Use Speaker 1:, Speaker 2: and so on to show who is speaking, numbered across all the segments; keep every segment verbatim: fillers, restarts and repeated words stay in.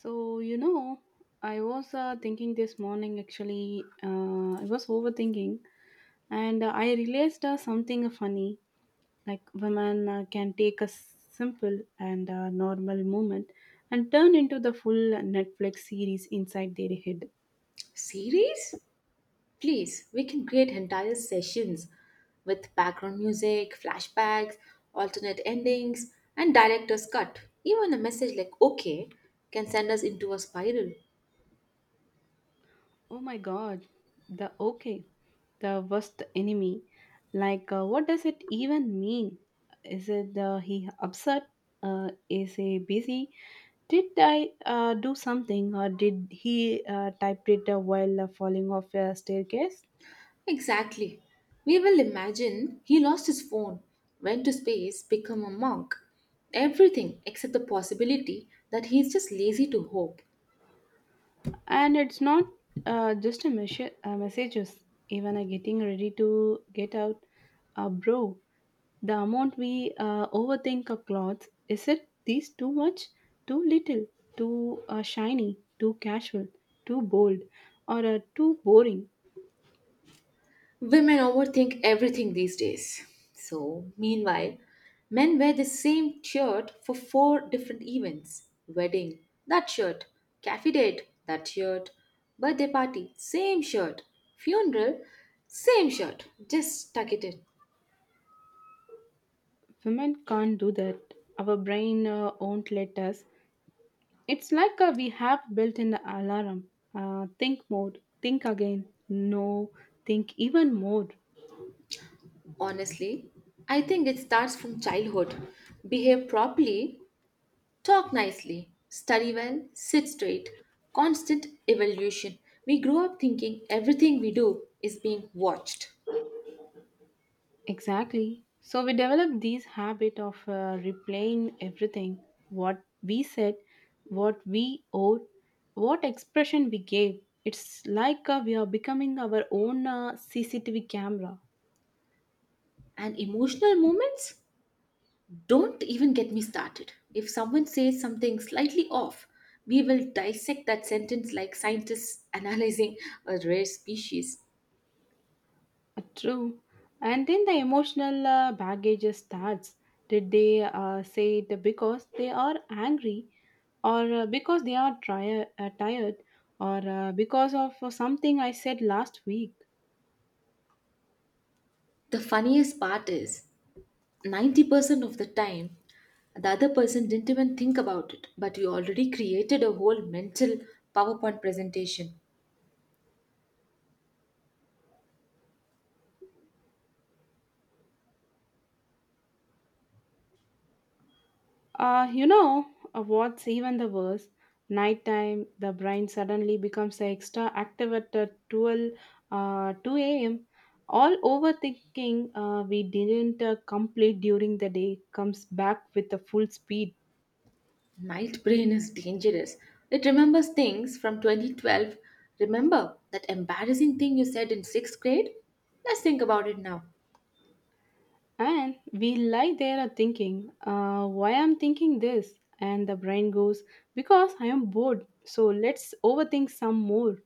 Speaker 1: So, you know, I was uh, thinking this morning actually, uh, I was overthinking and uh, I realized uh, something funny, like women uh, can take a simple and uh, normal moment and turn into the full Netflix series inside their head.
Speaker 2: Series? Please, we can create entire sessions with background music, flashbacks, alternate endings, and director's cut. Even a message like okay can send us into a spiral.
Speaker 1: Oh my god, the okay, the worst enemy. Like, uh, what does it even mean? Is it uh, he upset? Uh, is he busy? Did I uh, do something, or did he uh, typed it uh, while uh, falling off a staircase?
Speaker 2: Exactly. We will imagine he lost his phone, went to space, become a monk. Everything except the possibility that he is just lazy to hope.
Speaker 1: And it's not uh, just a message, uh, messages. Even uh, getting ready to get out, uh, bro. The amount we uh, overthink of clothes, is it these too much, too little, too uh, shiny, too casual, too bold, or uh, too boring?
Speaker 2: Women overthink everything these days. So, meanwhile, men wear the same shirt for four different events: wedding, that shirt; cafe date, that shirt; birthday party, same shirt; funeral, same shirt. Just tuck it in.
Speaker 1: Women can't do that. Our brain uh, won't let us. It's like uh we have built in the alarm. Uh, think mode, think again, no, think even more.
Speaker 2: Honestly, I think it starts from childhood. Behave properly, talk nicely, study well, sit straight. Constant evolution. We grow up thinking everything we do is being watched.
Speaker 1: Exactly. So we develop this habit of uh, replaying everything, what we said, what we owed, what expression we gave. It's like uh, we are becoming our own uh, C C T V camera.
Speaker 2: And emotional moments? Don't even get me started. If someone says something slightly off, we will dissect that sentence like scientists analyzing a rare species.
Speaker 1: Uh, true. And then the emotional uh, baggage starts. Did they uh, say it because they are angry, or uh, because they are tri- uh, tired, or uh, because of uh, something I said last week?
Speaker 2: The funniest part is ninety percent of the time, the other person didn't even think about it, but you already created a whole mental PowerPoint presentation.
Speaker 1: Uh, you know uh, what's even the worst? Nighttime, the brain suddenly becomes extra active at uh, twelve, uh, two a m. All overthinking uh, we didn't uh, complete during the day comes back with a full speed.
Speaker 2: Night brain is dangerous. It remembers things from twenty twelve. Remember that embarrassing thing you said in sixth grade? Let's think about it now.
Speaker 1: And we lie there are thinking, uh, why I'm thinking this? And the brain goes, because I am bored, so let's overthink some more.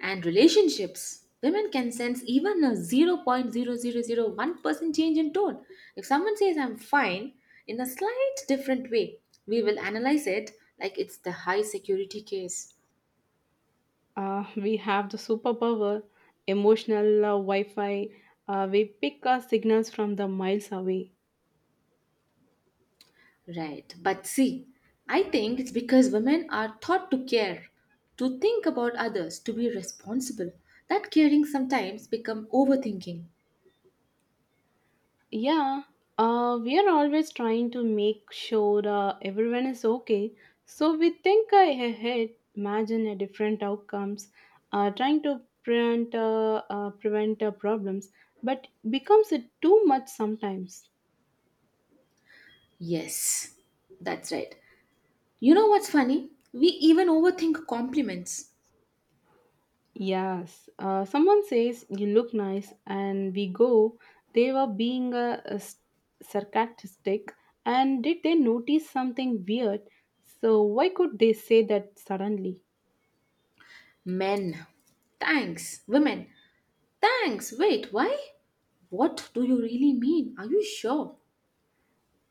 Speaker 2: And relationships. Women can sense even a zero point zero zero zero one percent change in tone. If someone says, "I'm fine," in a slight different way, we will analyze it like it's the high security case.
Speaker 1: Uh, we have the superpower, emotional uh, Wi Fi. Uh, we pick our signals from the miles away.
Speaker 2: Right. But see, I think it's because women are taught to care, to think about others, to be responsible. That caring sometimes become overthinking.
Speaker 1: Yeah, uh, we are always trying to make sure uh, everyone is okay. So we think uh, ahead, imagine a different outcomes, uh, trying to prevent uh, uh, prevent uh, problems, but becomes it too much sometimes.
Speaker 2: Yes, that's right. You know what's funny? We even overthink compliments.
Speaker 1: Yes, uh, someone says you look nice, and we go. They were being uh, uh, s- sarcastic, and did they notice something weird? So why could they say that suddenly?
Speaker 2: Men. Thanks. Women. Thanks. Wait, why? What do you really mean? Are you sure?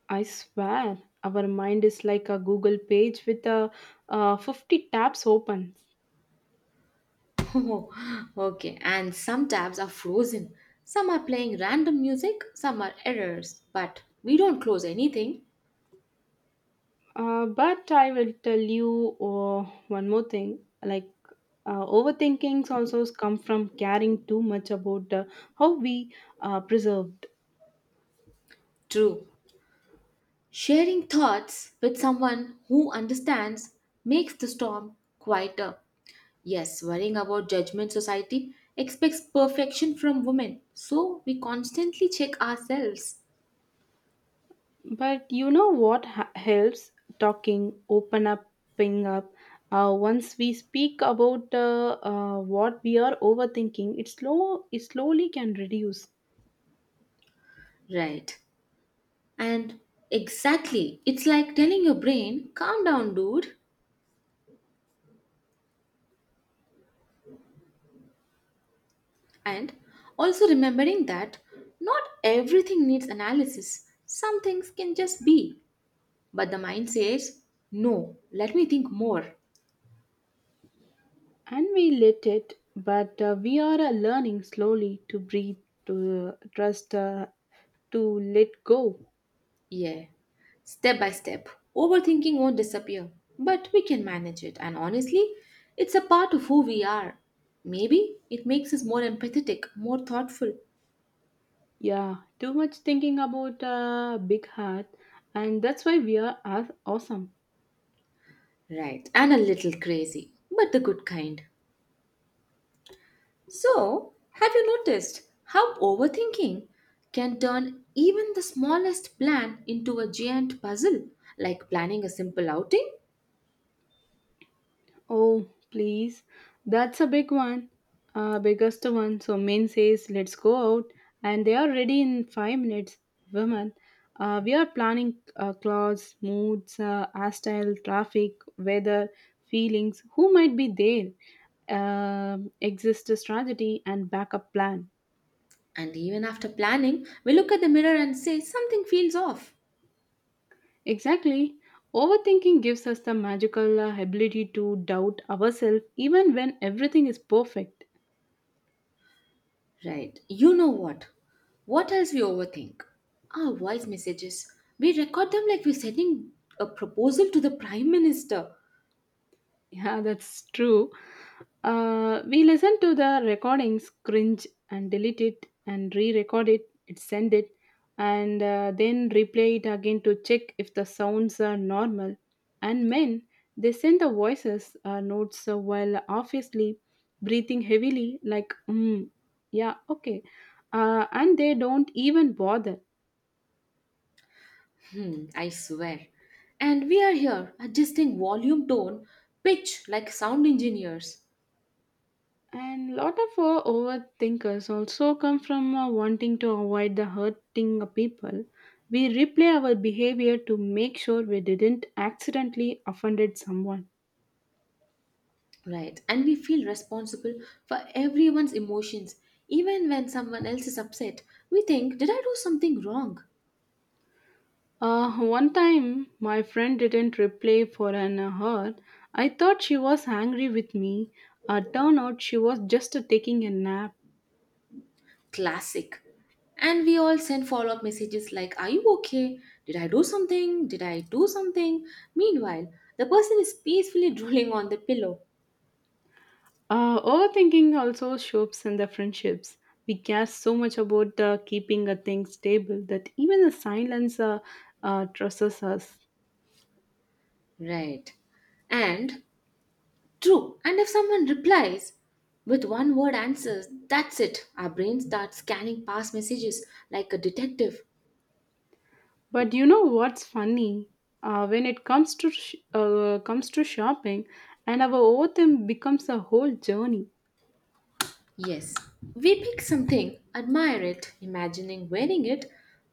Speaker 1: I swear, our mind is like a Google page with a, uh, fifty tabs open.
Speaker 2: Oh, okay. And some tabs are frozen. Some are playing random music, some are errors, but we don't close anything.
Speaker 1: Uh, but I will tell you uh, one more thing. Like uh, overthinkings also come from caring too much about uh, how we uh, preserved.
Speaker 2: True. Sharing thoughts with someone who understands makes the storm quieter. Yes, worrying about judgment society expects perfection from women, so we constantly check ourselves.
Speaker 1: But you know what ha- helps? Talking, open up, ping up. Uh, once we speak about uh, uh, what we are overthinking, it slow it slowly can reduce.
Speaker 2: Right. And exactly, it's like telling your brain, calm down, dude. And also remembering that not everything needs analysis, some things can just be. But the mind says, no, let me think more.
Speaker 1: And we let it, but uh, we are uh, learning slowly to breathe, to uh, trust, uh, to let go.
Speaker 2: Yeah, step by step. Overthinking won't disappear, but we can manage it. And honestly, it's a part of who we are. Maybe it makes us more empathetic, more thoughtful,
Speaker 1: Yeah, too much thinking about uh, big heart, and that's why we are aw- awesome.
Speaker 2: right, and a little crazy, but the good kind. So, have you noticed how overthinking can turn even the smallest plan into a giant puzzle, like planning a simple outing?
Speaker 1: Oh please, that's a big one, uh, biggest one. So men says let's go out, and they are ready in five minutes. Women, uh, we are planning uh, clothes, moods, uh, hairstyle, traffic, weather, feelings, who might be there, um, exist a strategy and backup plan.
Speaker 2: And even after planning, we look at the mirror and say something feels off.
Speaker 1: Exactly. Overthinking gives us the magical uh, ability to doubt ourselves even when everything is perfect.
Speaker 2: Right, you know what? What else we overthink? Our voice messages. We record them like we're sending a proposal to the Prime Minister.
Speaker 1: Yeah, that's true. Uh, we listen to the recordings, cringe, and delete it, and re record it, it send it, and uh, then replay it again to check if the sounds are normal. And men, they send the voices uh, notes uh, while obviously breathing heavily, like, mm, yeah, okay. Uh, and they don't even bother.
Speaker 2: Hmm, I swear. And we are here adjusting volume, tone, pitch like sound engineers.
Speaker 1: And lot of uh, overthinkers also come from uh, wanting to avoid the hurting of people. We replay our behavior to make sure we didn't accidentally offended someone.
Speaker 2: Right. And we feel responsible for everyone's emotions. Even when someone else is upset, we think, did I do something wrong?
Speaker 1: Uh, one time, my friend didn't replay for an hour. I thought she was angry with me. Uh, turned out she was just uh, taking a nap.
Speaker 2: Classic. And we all send follow up messages like, are you okay? Did I do something? Did I do something? Meanwhile, the person is peacefully drooling on the pillow.
Speaker 1: Uh, overthinking also shows in the friendships. We care so much about uh, keeping a thing stable that even the silence uh, uh, trusts us.
Speaker 2: Right. And true. And if someone replies with one word answers, that's it. Our brain starts scanning past messages like a detective.
Speaker 1: But you know what's funny? Uh, when it comes to sh- uh, comes to shopping, and our overthink becomes a whole journey.
Speaker 2: Yes, we pick something, admire it, imagining wearing it,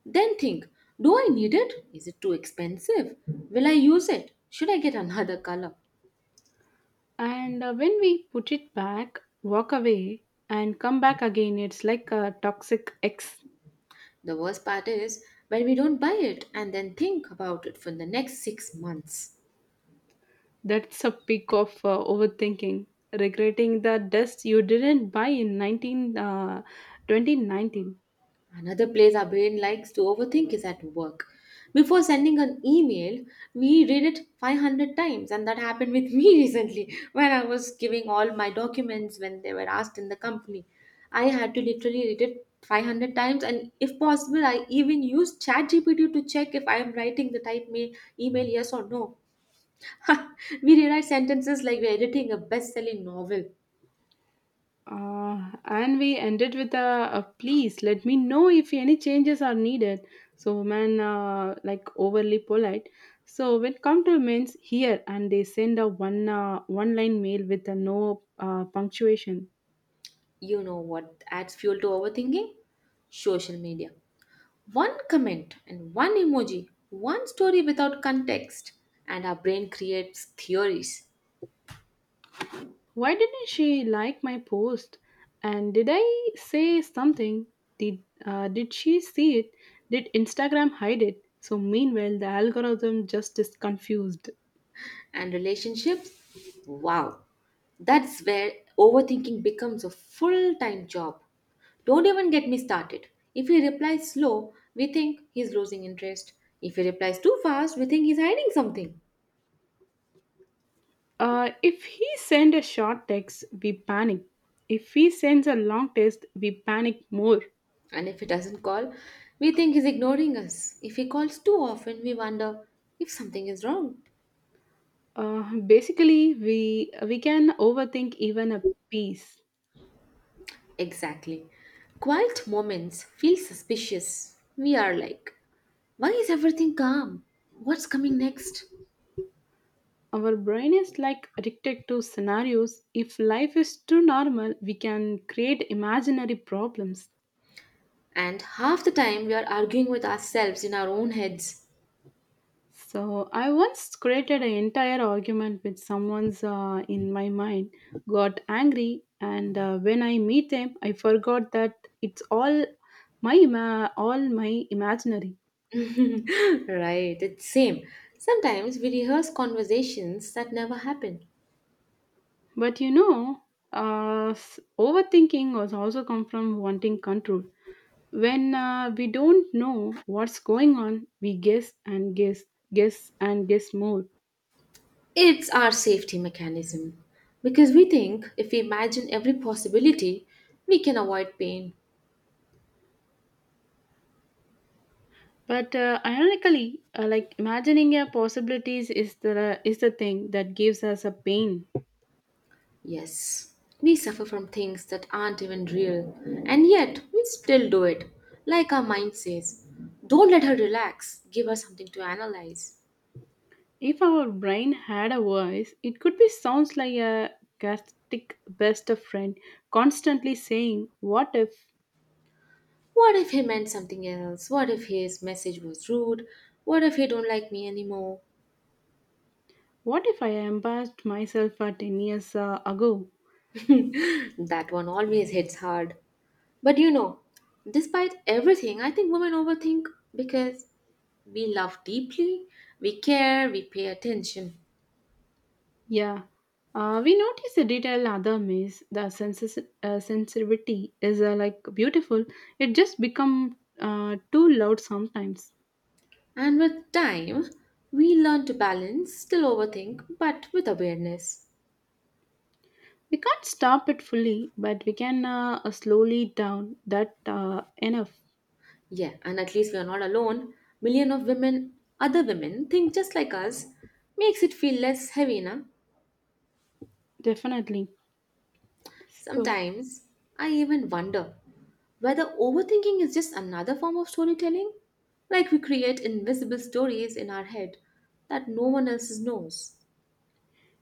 Speaker 2: then think do I need it? Is it too expensive? Will I use it? Should I get another color?
Speaker 1: And uh, when we put it back, walk away, and come back again, it's like a toxic ex.
Speaker 2: The worst part is when we don't buy it and then think about it for the next six months.
Speaker 1: That's a peak of uh, overthinking, regretting the dust you didn't buy in nineteen, uh, twenty nineteen.
Speaker 2: Another place our brain likes to overthink is at work. Before sending an email, we read it five hundred times, and that happened with me recently when I was giving all my documents when they were asked in the company. I had to literally read it five hundred times, and if possible, I even used ChatGPT to check if I am writing the type ma- email, yes or no. We rewrite sentences like we're editing a best selling novel.
Speaker 1: Uh, and we ended with a, a please let me know if any changes are needed. So women uh, like overly polite. So when come to means here, and they send a one uh, one line mail with a no uh, punctuation.
Speaker 2: You know what adds fuel to overthinking? Social media. One comment and one emoji, one story without context, and our brain creates theories
Speaker 1: Why didn't she like my post? And did I say something? Did uh, did she see it? Did Instagram hide it? So meanwhile, the algorithm just is confused.
Speaker 2: and relationships. Wow, that's where overthinking becomes a full time job. Don't even get me started. If he replies slow, we think he's losing interest. If he replies too fast, we think he's hiding something.
Speaker 1: Uh, if he send a short text, we panic. If he sends a long text, we panic more.
Speaker 2: And if he doesn't call, we think he's ignoring us. If he calls too often, we wonder if something is wrong.
Speaker 1: Uh, basically, we we can overthink even a piece.
Speaker 2: Exactly. Quiet moments feel suspicious. We are like, why is everything calm? What's coming next?
Speaker 1: Our brain is like addicted to scenarios. If life is too normal, we can create imaginary problems.
Speaker 2: And half the time we are arguing with ourselves in our own heads.
Speaker 1: So I once created an entire argument with someone's uh, in my mind, got angry, and uh, when I meet them, I forgot that it's all my ima- all my imaginary.
Speaker 2: Right, it's same. Sometimes we rehearse conversations that never happen.
Speaker 1: But you know, uh, s- overthinking was also come from wanting control. When uh, we don't know what's going on, we guess and guess, guess and guess more.
Speaker 2: It's our safety mechanism because we think if we imagine every possibility, we can avoid pain.
Speaker 1: But uh, ironically, uh, like imagining our possibilities is the is the thing that gives us a pain.
Speaker 2: Yes, we suffer from things that aren't even real, and yet we still do it. Like our mind says, don't let her relax, give her something to analyze.
Speaker 1: If our brain had a voice, it could be sounds like a chaotic best of friend, constantly saying, "What if?
Speaker 2: What if he meant something else? What if his message was rude? What if he don't like me anymore?
Speaker 1: What if I embarrassed myself uh, ten years uh, ago?"
Speaker 2: That one always hits hard. But you know, despite everything, I think women overthink because we love deeply, we care, we pay attention.
Speaker 1: Yeah. Uh, we notice the detail other miss. The senses, uh, sensitivity is uh, like beautiful. It just become uh, too loud sometimes.
Speaker 2: And with time, we learn to balance, still overthink, but with awareness.
Speaker 1: We can't stop it fully, but we can uh, uh, slowly down that uh, enough.
Speaker 2: Yeah, and at least we are not alone. Million of women, other women, think just like us, makes it feel less heavy, na?
Speaker 1: Definitely. So,
Speaker 2: Sometimes I even wonder whether overthinking is just another form of storytelling. Like we create invisible stories in our head that no one else knows.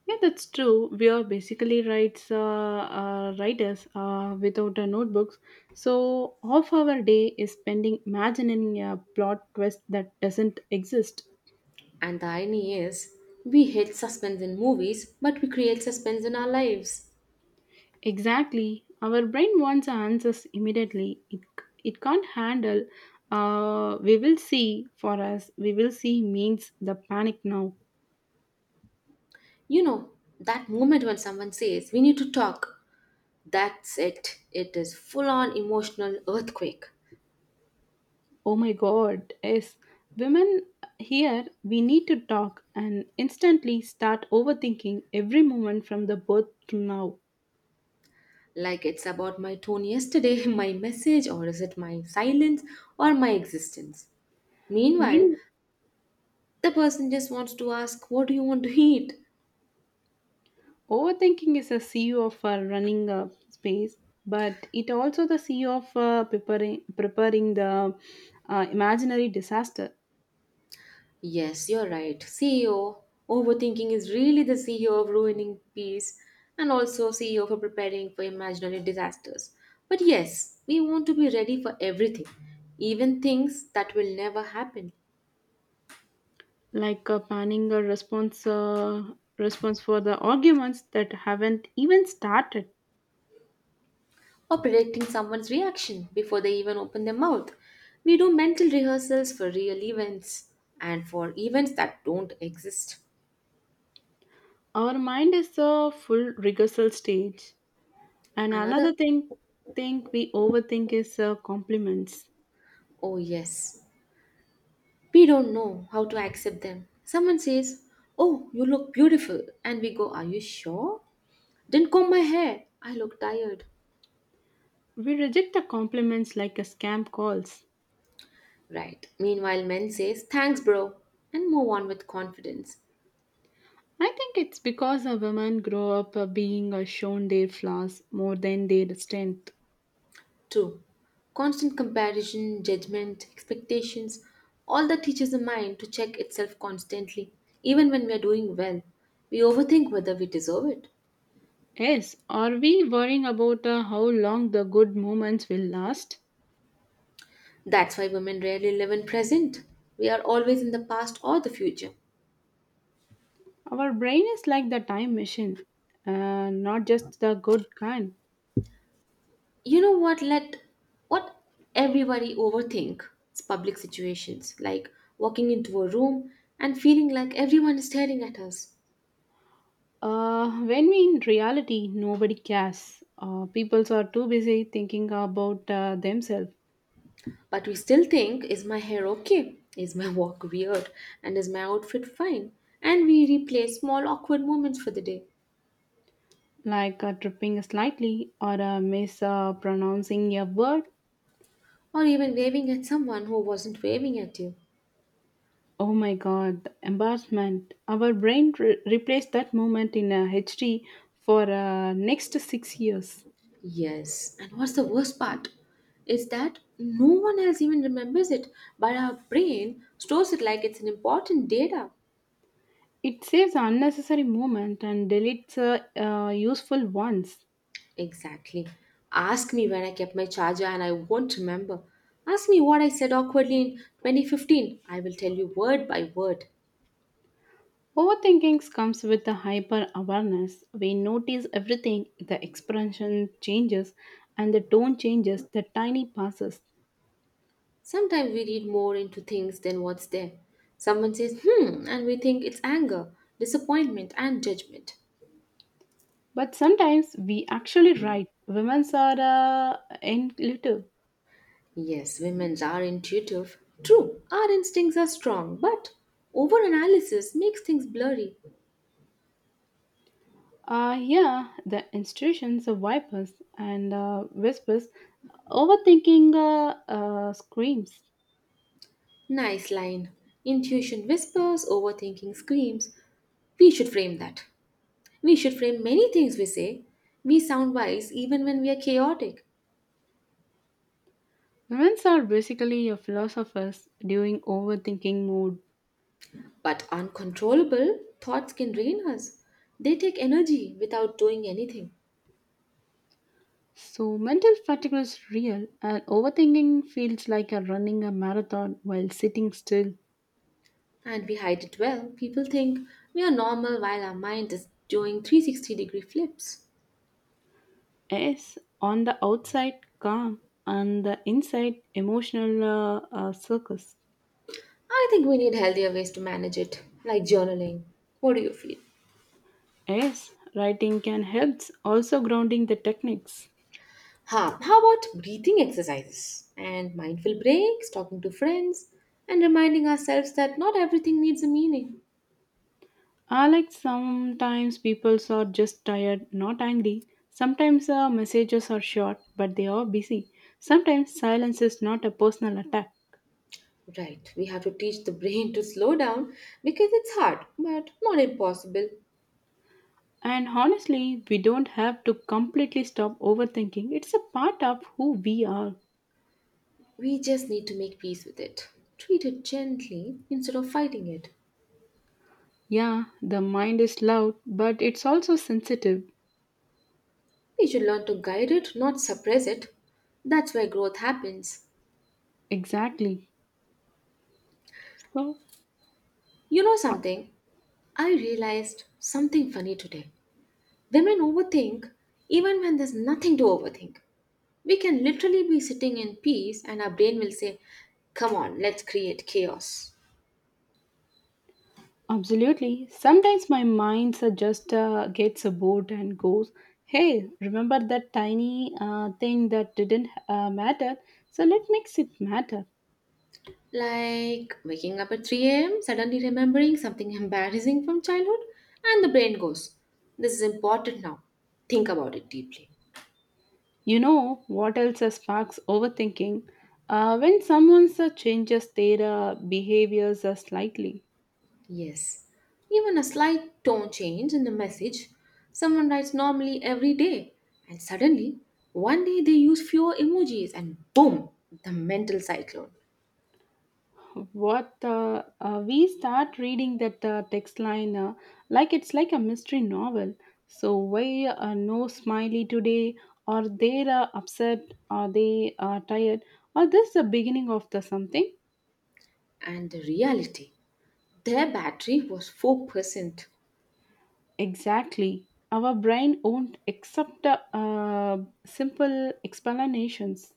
Speaker 1: yeah, that's true. We are basically writes, uh, uh, writers uh, without uh, notebooks. So, half our day is spending imagining a plot twist that doesn't exist.
Speaker 2: And the irony is, we hate suspense in movies, but we create suspense in our lives.
Speaker 1: Exactly. Our brain wants answers immediately. It, it can't handle. Uh, we will see for us. We will see means the panic now.
Speaker 2: You know, that moment when someone says, we need to talk, that's it. It is full on emotional earthquake.
Speaker 1: Oh my god, yes. Women here, we need to talk, and instantly start overthinking every moment from the birth to now.
Speaker 2: Like it's about my tone yesterday, my message, or is it my silence, or my existence. Meanwhile,
Speaker 1: Mean,
Speaker 2: the person just wants to ask, what do you want to eat?
Speaker 1: overthinking is a C E O of uh, running a space, but it also the C E O of uh, preparing, preparing the uh, imaginary disaster,
Speaker 2: Yes, you're right. C E O, overthinking is really the C E O of ruining peace and also C E O for preparing for imaginary disasters. But yes, we want to be ready for everything, even things that will never happen,
Speaker 1: like uh, planning a response, uh, response for the arguments that haven't even started.
Speaker 2: or predicting someone's reaction before they even open their mouth. We do mental rehearsals for real events and for events that don't exist.
Speaker 1: Our mind is a full rehearsal stage. And another
Speaker 2: Another,
Speaker 1: thing, thing we overthink is uh, compliments.
Speaker 2: oh yes, we don't know how to accept them. Someone says, oh, you look beautiful. And we go, are you sure? Didn't comb my hair. I look tired.
Speaker 1: We reject the compliments like a scam calls.
Speaker 2: Right. Meanwhile, men says, thanks, bro. And move on with confidence.
Speaker 1: I think it's because a women grow up uh, being uh, shown their flaws more than their strength.
Speaker 2: two. Constant comparison, judgment, expectations, all that teaches the mind to check itself constantly, even when we are doing well. We overthink whether we deserve it.
Speaker 1: Yes, are we worrying about uh, how long the good moments will last?
Speaker 2: That's why women rarely live in present. We are always in the past or the future.
Speaker 1: Our brain is like the time machine, uh, not just the good kind.
Speaker 2: You know what, let what everybody overthink is public situations like walking into a room and feeling like everyone is staring at us,
Speaker 1: Uh, when we in reality, nobody cares. Uh, people are too busy thinking about uh, themselves,
Speaker 2: but we still think is my hair okay, is my walk weird, and is my outfit fine, and we replay small awkward moments for the day,
Speaker 1: like uh, tripping slightly or uh, mispronouncing a word.
Speaker 2: or even waving at someone who wasn't waving at you.
Speaker 1: Oh my god, the embarrassment. Our brain re- replaced that moment in a H D for uh, next six years.
Speaker 2: Yes, and what's the worst part is that no one else even remembers it, but our brain stores it like it's an important data.
Speaker 1: It saves unnecessary moment and deletes uh, uh, useful ones.
Speaker 2: Exactly. Ask me where I kept my charger and I won't remember. Ask me what I said awkwardly in twenty fifteen. I will tell you word by word.
Speaker 1: Overthinking comes with a hyper awareness. We notice everything, the expression changes and the tone changes, the tiny passes.
Speaker 2: Sometimes we read more into things than what's there. Someone says, hmm, and we think it's anger, disappointment, and judgment.
Speaker 1: But sometimes we actually write. Women are uh, in little.
Speaker 2: Yes, women are intuitive. True, our instincts are strong, but overanalysis makes things blurry.
Speaker 1: Uh, yeah, the institutions of vipers and uh, whispers, overthinking uh, uh, screams.
Speaker 2: Nice line. Intuition whispers, overthinking screams. We should frame that. We should frame many things we say. We sound wise even when we are chaotic.
Speaker 1: Women are basically a philosophers during overthinking mode.
Speaker 2: But uncontrollable thoughts can drain us. They take energy without doing anything.
Speaker 1: So mental fatigue is real, and overthinking feels like a running a marathon while sitting still.
Speaker 2: And we hide it well. People think we are normal while our mind is doing three hundred sixty degree flips.
Speaker 1: Yes, on the outside calm, on the inside emotional uh, uh, circus.
Speaker 2: I think we need healthier ways to manage it, like journaling. What do you feel?
Speaker 1: Yes, writing can help, also grounding the techniques.
Speaker 2: Huh, how about breathing exercises and mindful breaks, talking to friends, and reminding ourselves that not everything needs a meaning?
Speaker 1: I like sometimes people are just tired, not angry. Sometimes uh, messages are short, but they are busy. Sometimes silence is not a personal attack.
Speaker 2: Right, we have to teach the brain to slow down because it's hard, but not impossible.
Speaker 1: And honestly, we don't have to completely stop overthinking. It's a part of who we are.
Speaker 2: We just need to make peace with it. Treat it gently instead of fighting it.
Speaker 1: Yeah, the mind is loud, but it's also sensitive.
Speaker 2: We should learn to guide it, not suppress it. That's where growth happens.
Speaker 1: Exactly. So,
Speaker 2: You know something? I realized something funny today. Women overthink even when there's nothing to overthink. We can literally be sitting in peace and our brain will say, come on, let's create chaos.
Speaker 1: absolutely. Sometimes my mind uh, just uh, gets a bored and goes, hey, remember that tiny uh, thing that didn't uh, matter? So let makes it matter.
Speaker 2: Like waking up at three a m, suddenly remembering something embarrassing from childhood, and the brain goes, this is important now. Think about it deeply.
Speaker 1: You know what else uh, sparks overthinking? Uh, when someone uh, changes their uh, behaviors uh, slightly.
Speaker 2: Yes. Even a slight tone change in the message someone writes normally every day, and suddenly one day they use fewer emojis, and boom, the mental cyclone.
Speaker 1: What uh, uh, we start reading that uh, text line uh, like it's like a mystery novel. So why uh, no smiley today, or they're uh, upset, or they are tired, or this the beginning of the something.
Speaker 2: And the reality their battery was four percent.
Speaker 1: Exactly, our brain won't accept uh, uh, simple explanations.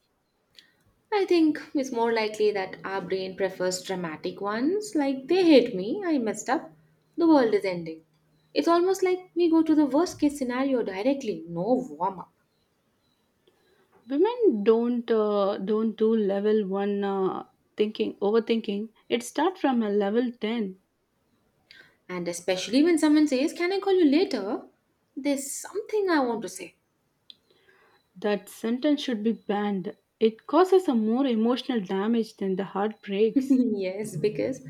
Speaker 2: I think it's more likely that our brain prefers dramatic ones, like they hate me, I messed up, the world is ending. It's almost like we go to the worst case scenario directly, no warm up.
Speaker 1: Women don't uh, don't do level one uh, thinking overthinking, it starts from a level ten.
Speaker 2: And especially when someone says, "Can I call you later? There's something I want to say."
Speaker 1: That sentence should be banned. It causes a more emotional damage than the heartbreaks.
Speaker 2: Yes, because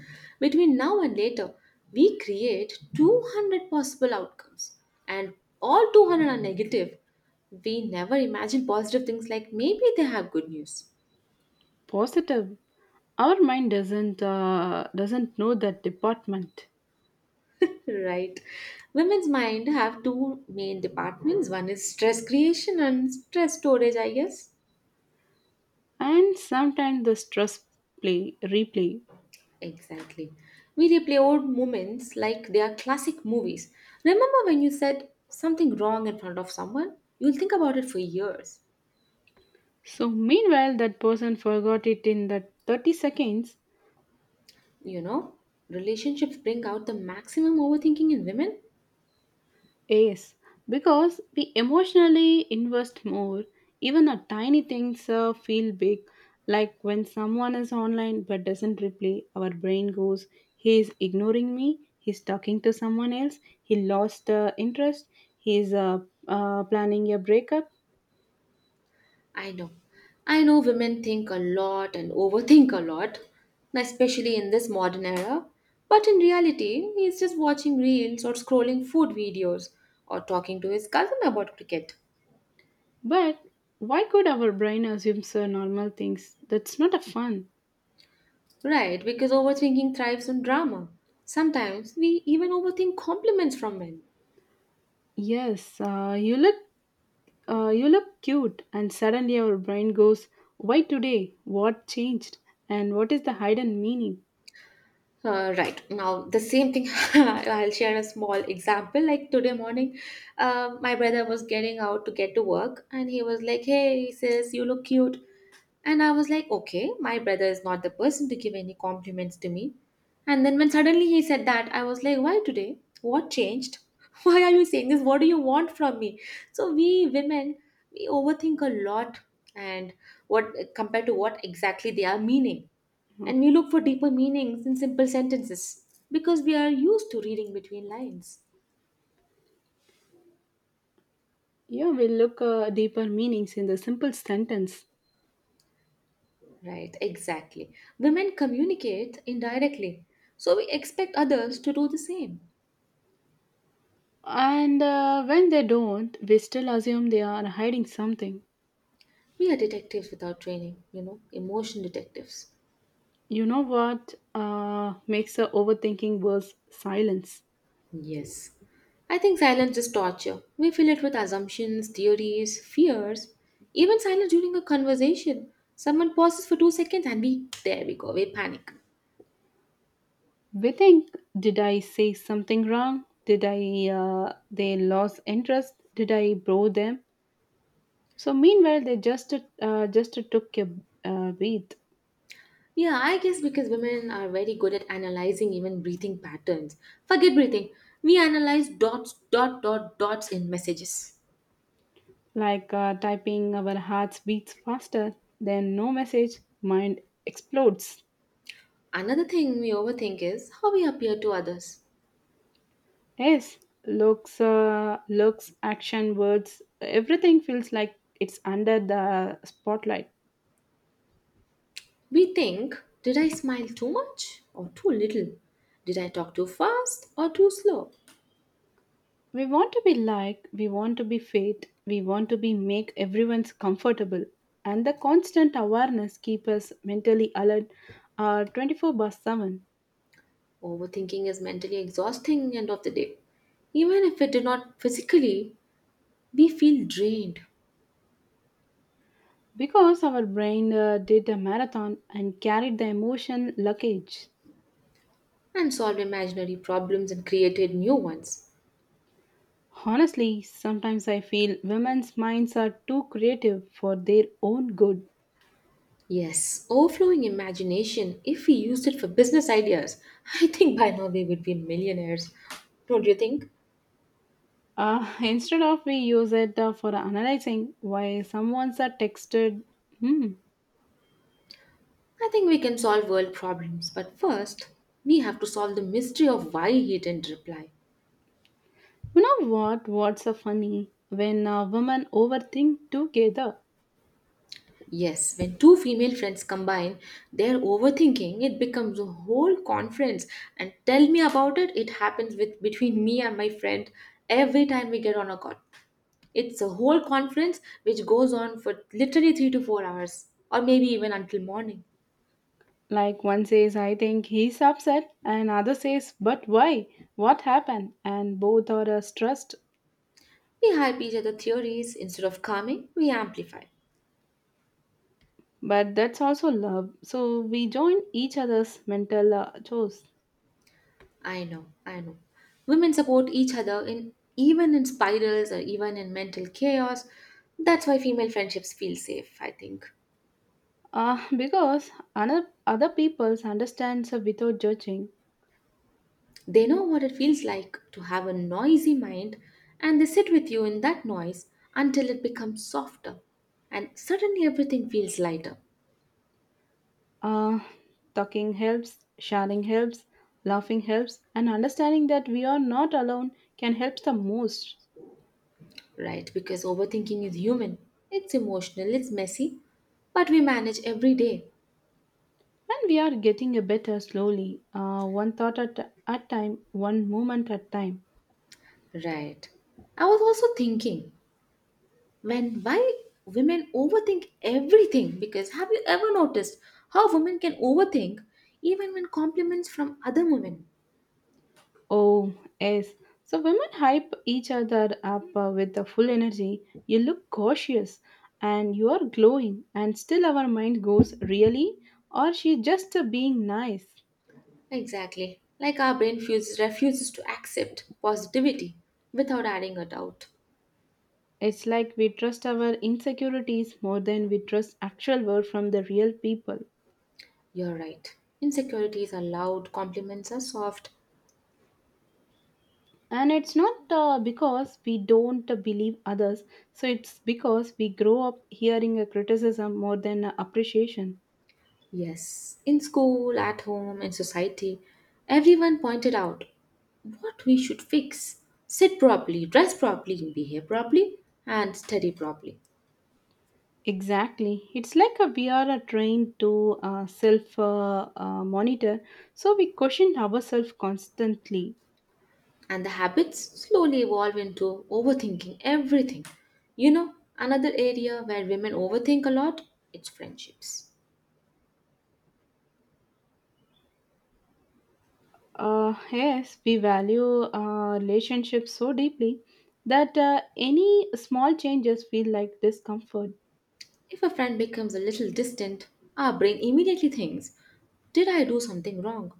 Speaker 2: between now and later, we create two hundred possible outcomes, and all two hundred are negative. We never imagine positive things like maybe they have good news.
Speaker 1: Positive. Our mind doesn't uh, doesn't know that department,
Speaker 2: Right. Women's mind have two main departments. One is stress creation and stress storage, I guess.
Speaker 1: and sometimes the stress play replay.
Speaker 2: Exactly. We replay old moments like they are classic movies. Remember when you said something wrong in front of someone? You'll think about it for years.
Speaker 1: So meanwhile, that person forgot it in that thirty seconds.
Speaker 2: You know, Relationships bring out the maximum overthinking in women.
Speaker 1: Yes, because we emotionally invest more. Even the tiny things uh, feel big. Like when someone is online but doesn't reply, our brain goes, he is ignoring me, he's talking to someone else, he lost uh, interest, he's uh, uh, planning a breakup.
Speaker 2: I know. I know women think a lot and overthink a lot, especially in this modern era. But in reality, he's just watching reels or scrolling food videos or talking to his cousin about cricket.
Speaker 1: But why could our brain assume so normal things? That's not a fun.
Speaker 2: Right, because overthinking thrives on drama. Sometimes we even overthink compliments from men.
Speaker 1: Yes, uh, you look Uh, you look cute, and suddenly our brain goes, why today? What changed? And what is the hidden meaning?
Speaker 2: Uh, right now, the same thing. I'll share a small example. Like today morning, uh, my brother was getting out to get to work, and he was like, "Hey, sis, you look cute." And I was like, okay, my brother is not the person to give any compliments to me. And then when suddenly he said that, I was like, why today? What changed? Why are you saying this? What do you want from me? So we women, we overthink a lot and what compared to what exactly they are meaning. And we look for deeper meanings in simple sentences because we are used to reading between lines.
Speaker 1: Yeah, we look uh, deeper meanings in the simple sentence.
Speaker 2: Right, exactly. Women communicate indirectly, so we expect others to do the same.
Speaker 1: And uh, when they don't, we still assume they are hiding something.
Speaker 2: We are detectives without training, you know, emotion detectives.
Speaker 1: You know what uh, makes the overthinking worse? Silence.
Speaker 2: Yes. I think silence is torture. We fill it with assumptions, theories, fears. Even silence during a conversation. Someone pauses for two seconds and we, there we go, we panic.
Speaker 1: We think, did I say something wrong? Did I, uh, they lost interest? Did I bore them? So meanwhile, they just uh, just took a uh, breath.
Speaker 2: Yeah, I guess because women are very good at analyzing even breathing patterns. Forget breathing. We analyze dots, dot, dot, dots in messages.
Speaker 1: Like uh, typing, our hearts beats faster, then no message, mind explodes.
Speaker 2: Another thing we overthink is how we appear to others.
Speaker 1: Yes, looks uh, looks, action, words, everything feels like it's under the spotlight.
Speaker 2: We think, did I smile too much or too little? Did I talk too fast or too slow?
Speaker 1: We want to be liked, we want to be fit, we want to be make everyone's comfortable, and the constant awareness keep us mentally alert, uh, twenty-four by seven.
Speaker 2: Overthinking is mentally exhausting end of the day. Even if it did not physically, we feel drained
Speaker 1: Because our brain uh, did a marathon and carried the emotion luggage.
Speaker 2: and solve imaginary problems and created new ones.
Speaker 1: Honestly, sometimes I feel women's minds are too creative for their own good.
Speaker 2: Yes, overflowing imagination, if we used it for business ideas, I think by now we would be millionaires. Don't you think?
Speaker 1: Uh, instead of we use it uh, for analyzing why someone's are texted. Hmm.
Speaker 2: I think we can solve world problems, but first, we have to solve the mystery of why he didn't reply.
Speaker 1: You know what? What's so funny when uh, women overthink together.
Speaker 2: Yes, when two female friends combine their overthinking, it becomes a whole conference. And tell me about it, it happens with between me and my friend every time we get on a call. It's a whole conference which goes on for literally three to four hours, or maybe even until morning.
Speaker 1: Like one says, "I think he's upset," and other says, "But why? What happened?" And both are uh, stressed.
Speaker 2: We hype each other theories instead of calming, we amplify.
Speaker 1: But that's also love. So we join each other's mental uh, chores.
Speaker 2: I know, I know. Women support each other in even in spirals or even in mental chaos. That's why female friendships feel safe, I think.
Speaker 1: Uh, because another, other people's understands her without judging.
Speaker 2: They know what it feels like to have a noisy mind, and they sit with you in that noise until it becomes softer. And suddenly everything feels lighter,
Speaker 1: Uh, Talking helps, sharing helps, laughing helps, and understanding that we are not alone can help the most.
Speaker 2: right? Because overthinking is human, it's emotional, it's messy, but we manage every day,
Speaker 1: And we are getting a better slowly, uh, one thought at a time, one moment at time.
Speaker 2: right? I was also thinking, when why women overthink everything? Because have you ever noticed how women can overthink even when compliments from other women?
Speaker 1: Oh, yes. So women hype each other up uh, with the full energy. You look cautious and you are glowing, and still our mind goes, really? Or she just uh, being nice?
Speaker 2: Exactly. Like our brain fuses, refuses to accept positivity without adding a doubt.
Speaker 1: It's like we trust our insecurities more than we trust actual word from the real people.
Speaker 2: You're right. Insecurities are loud, compliments are soft.
Speaker 1: And it's not uh, because we don't uh, believe others, so it's because we grow up hearing a criticism more than uh, appreciation.
Speaker 2: Yes. In school, at home, in society, everyone pointed out what we should fix. Sit properly, dress properly, behave properly, and study properly.
Speaker 1: Exactly. It's like a, we are a trained to uh, self uh, uh, monitor, so we question ourselves constantly.
Speaker 2: And the habits slowly evolve into overthinking everything. You know, another area where women overthink a lot, it's friendships.
Speaker 1: Uh, yes, we value uh, relationships so deeply that uh, any small changes feel like discomfort.
Speaker 2: If a friend becomes a little distant, our brain immediately thinks, did I do something wrong?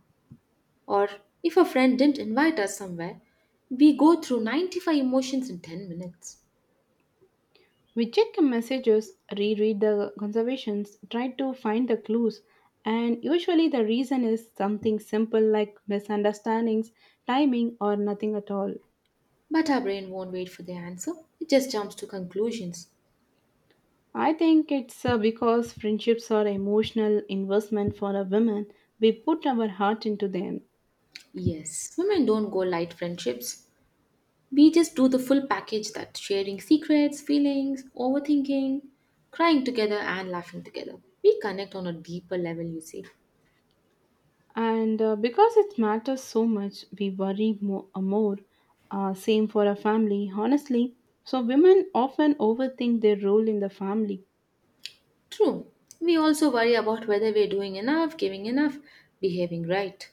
Speaker 2: Or if a friend didn't invite us somewhere, we go through ninety-five emotions in ten minutes.
Speaker 1: We check the messages, reread the conservations, try to find the clues, and usually the reason is something simple like misunderstandings, timing, or nothing at all.
Speaker 2: But our brain won't wait for the answer, it just jumps to conclusions.
Speaker 1: I think it's uh, because friendships are emotional investment for a woman. We put our heart into them,
Speaker 2: Yes, women don't go light friendships. We just do the full package that sharing secrets, feelings, overthinking, crying together, and laughing together. We connect on a deeper level, you see.
Speaker 1: and uh, because it matters so much, we worry more. Uh, more. Uh, same for a family, honestly. So women often overthink their role in the family.
Speaker 2: True, we also worry about whether we're doing enough, giving enough, behaving right.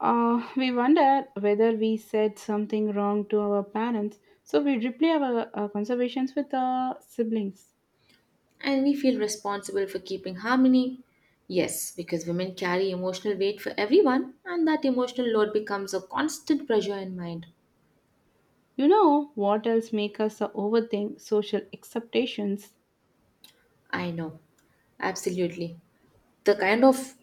Speaker 1: Uh, we wonder whether we said something wrong to our parents, so we replay our uh, conversations with our siblings.
Speaker 2: And we feel responsible for keeping harmony. Yes, because women carry emotional weight for everyone, and that emotional load becomes a constant pressure in mind.
Speaker 1: You know what else makes us uh, overthink social expectations?
Speaker 2: I know, Absolutely. the kind of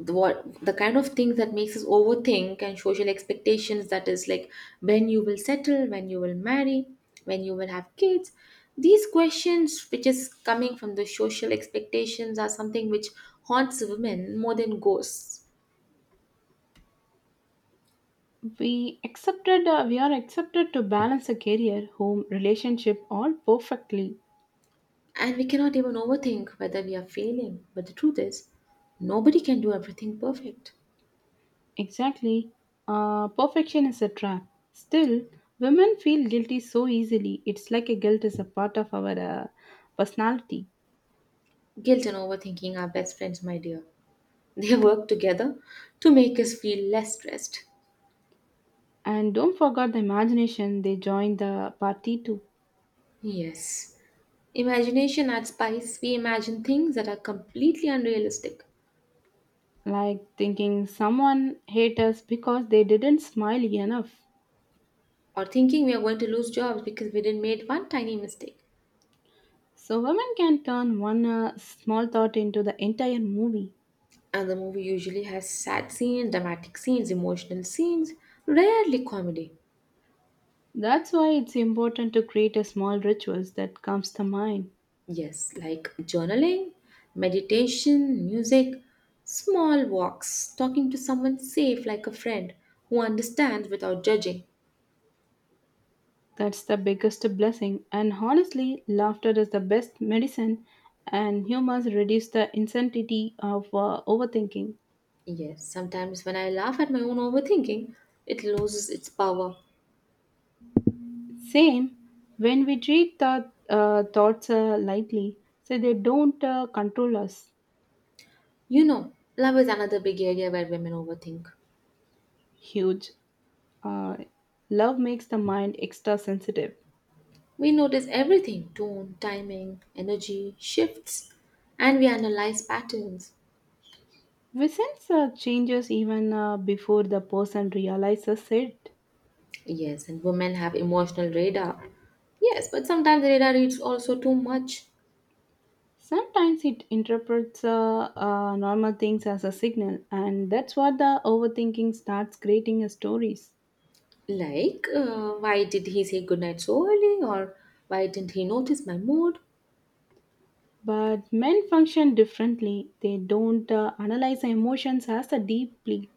Speaker 2: the what the kind of things that makes us overthink and social expectations, that is like, when you will settle, when you will marry, when you will have kids. These questions which is coming from the social expectations are something which haunts women more than ghosts.
Speaker 1: We accepted uh, we are accepted to balance a career, home, relationship, all perfectly.
Speaker 2: And we cannot even overthink whether we are failing, but the truth is, nobody can do everything perfect.
Speaker 1: Exactly. Uh, perfection is a trap. Still, women feel guilty so easily. It's like a guilt is a part of our uh, personality.
Speaker 2: Guilt and overthinking are best friends, my dear. They work together to make us feel less stressed.
Speaker 1: And don't forget the imagination, they join the party too.
Speaker 2: Yes. Imagination adds spice. We imagine things that are completely unrealistic,
Speaker 1: Like thinking someone hate us because they didn't smile enough,
Speaker 2: or thinking we are going to lose jobs because we didn't made one tiny mistake.
Speaker 1: so women can turn one uh, small thought into the entire movie.
Speaker 2: And the movie usually has sad scenes, dramatic scenes, emotional scenes, rarely comedy.
Speaker 1: That's why it's important to create a small rituals that calms the mind.
Speaker 2: Yes, like journaling, meditation, music, small walks, talking to someone safe like a friend who understands without judging.
Speaker 1: That's the biggest blessing. And honestly, laughter is the best medicine and humans reduce the insanity of uh, overthinking.
Speaker 2: Yes, sometimes when I laugh at my own overthinking, it loses its power.
Speaker 1: Same, when we treat the uh, thoughts uh, lightly, so they don't uh, control us.
Speaker 2: You know, love is another big area where women overthink.
Speaker 1: Huge. Uh, Love makes the mind extra sensitive.
Speaker 2: We notice everything tone, timing, energy, shifts, and we analyze patterns.
Speaker 1: We sense uh, changes even uh, before the person realizes it.
Speaker 2: Yes, and women have emotional radar. Yes, but sometimes the radar reads also too much.
Speaker 1: Sometimes it interprets uh, uh, normal things as a signal, and that's what the overthinking starts creating as stories.
Speaker 2: Like, uh, why did he say goodnight so early, or why didn't he notice my mood?
Speaker 1: But men function differently, they don't uh, analyze emotions as a deeply,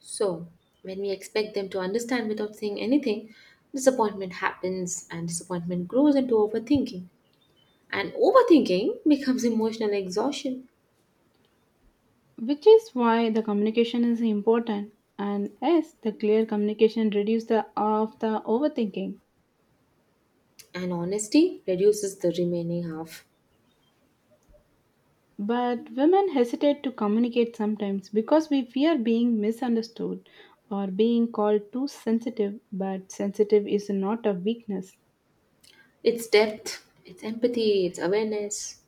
Speaker 2: So, when we expect them to understand without saying anything, disappointment happens and disappointment grows into overthinking. And overthinking becomes emotional exhaustion,
Speaker 1: which is why the communication is important. And yes, the clear communication reduces the of the overthinking.
Speaker 2: and honesty reduces the remaining half.
Speaker 1: But women hesitate to communicate sometimes because we fear being misunderstood or being called too sensitive, but sensitive is not a weakness.
Speaker 2: It's depth, it's empathy, it's awareness.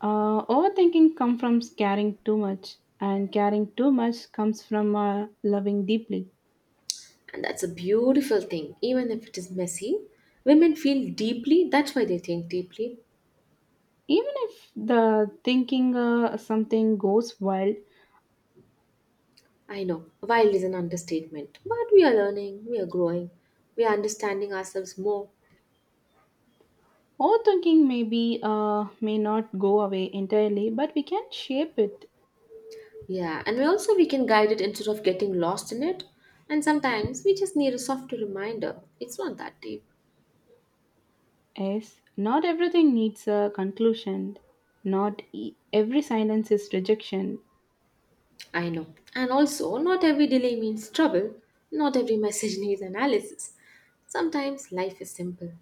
Speaker 1: Uh, overthinking comes from caring too much, and caring too much comes from uh, loving deeply.
Speaker 2: And that's a beautiful thing. Even if it is messy, women feel deeply. That's why they think deeply.
Speaker 1: Even if the thinking uh, something goes wild,
Speaker 2: I know, wild is an understatement. But we are learning, we are growing, we are understanding ourselves more.
Speaker 1: overthinking may be uh, may not go away entirely, but we can shape it.
Speaker 2: Yeah, and we also we can guide it instead of getting lost in it. And sometimes we just need a softer reminder. It's not that deep.
Speaker 1: Yes, not everything needs a conclusion. Not e- every silence is rejection,
Speaker 2: I know. And also, not every delay means trouble. Not every message needs analysis. Sometimes life is simple.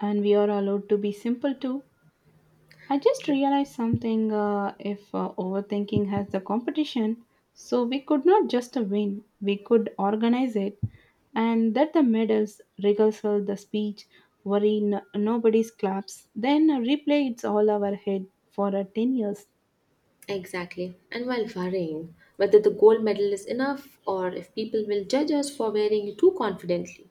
Speaker 1: and we are allowed to be simple too. I just realized something, uh, if uh, overthinking has the competition, so we could not just win, we could organize it, and that the medals, rehearsal, the speech, worry, n- nobody's claps, then replay it's all our head for uh, ten years.
Speaker 2: Exactly. And while worrying whether the gold medal is enough or if people will judge us for wearing it too confidently.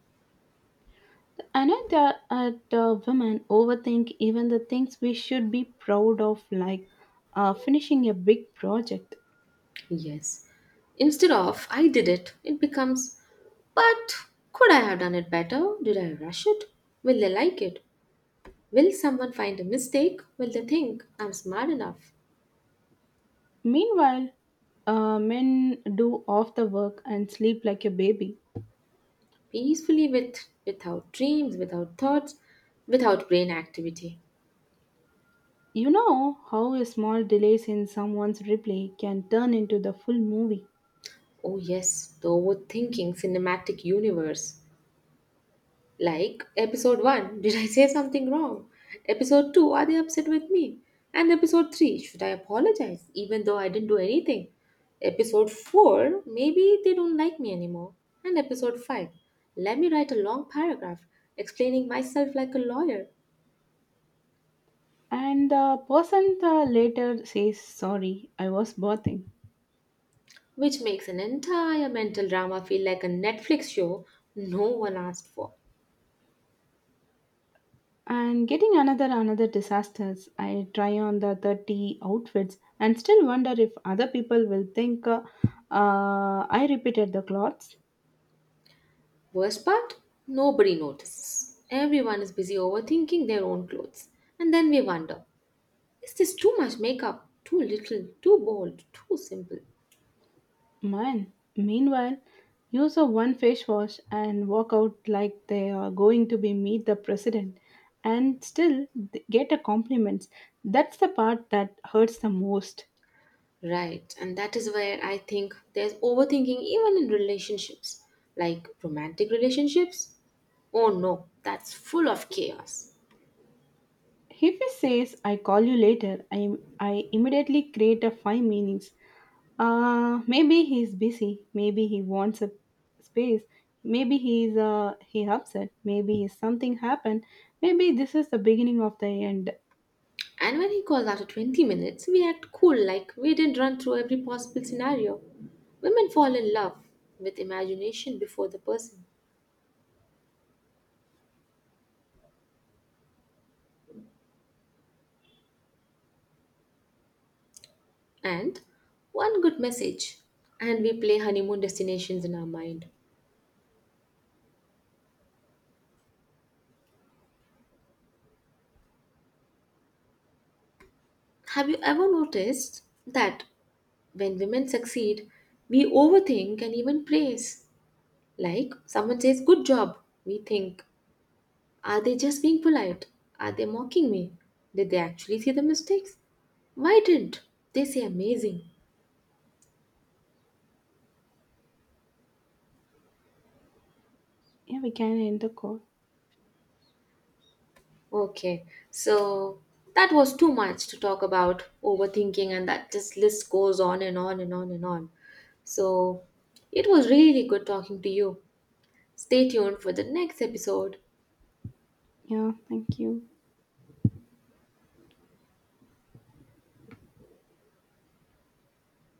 Speaker 1: Another at uh, the women overthink even the things we should be proud of, like uh, finishing a big project.
Speaker 2: Yes. Instead of, I did it, it becomes, but could I have done it better? Did I rush it? Will they like it? Will someone find a mistake? Will they think I'm smart enough?
Speaker 1: Meanwhile, uh, men do off the work and sleep like a baby.
Speaker 2: Peacefully with without dreams, without thoughts, without brain activity.
Speaker 1: You know how a small delays in someone's replay can turn into the full movie.
Speaker 2: Oh yes, the overthinking cinematic universe. Like episode one, did I say something wrong? Episode two, are they upset with me? And episode three, should I apologize even though I didn't do anything? Episode four, maybe they don't like me anymore. And episode five, let me write a long paragraph explaining myself like a lawyer.
Speaker 1: And the person uh, later says, sorry, I was birthing.
Speaker 2: Which makes an entire mental drama feel like a Netflix show no one asked for.
Speaker 1: And getting another another disasters, I try on the thirty outfits and still wonder if other people will think uh, uh, I repeated the clothes.
Speaker 2: Worst part? Nobody notices. Everyone is busy overthinking their own clothes. And then we wonder, is this too much makeup? Too little? Too bold? Too simple?
Speaker 1: Man meanwhile use of one face wash and walk out like they are going to be meet the president, and still th- get a compliments. That's the part that hurts the most.
Speaker 2: Right, and that is where I think there's overthinking even in relationships, like romantic relationships. Oh no, that's full of chaos.
Speaker 1: If he says, I call you later, I, I immediately create a five meanings. Uh, maybe he's busy. Maybe he wants a space. Maybe he's uh, he upset. Maybe he's something happened. Maybe this is the beginning of the end.
Speaker 2: And when he calls after twenty minutes, we act cool like we didn't run through every possible scenario. Women fall in love with imagination before the person and one good message, and we play honeymoon destinations in our mind. Have you ever noticed that when women succeed, we overthink and even praise? Like someone says, good job. We think, are they just being polite? Are they mocking me? Did they actually see the mistakes? Why didn't they say amazing?
Speaker 1: Yeah, we can end the call.
Speaker 2: Okay, so that was too much to talk about overthinking, and that just list goes on and on and on and on. So it was really good talking to you. Stay tuned for the next episode.
Speaker 1: Yeah, thank you.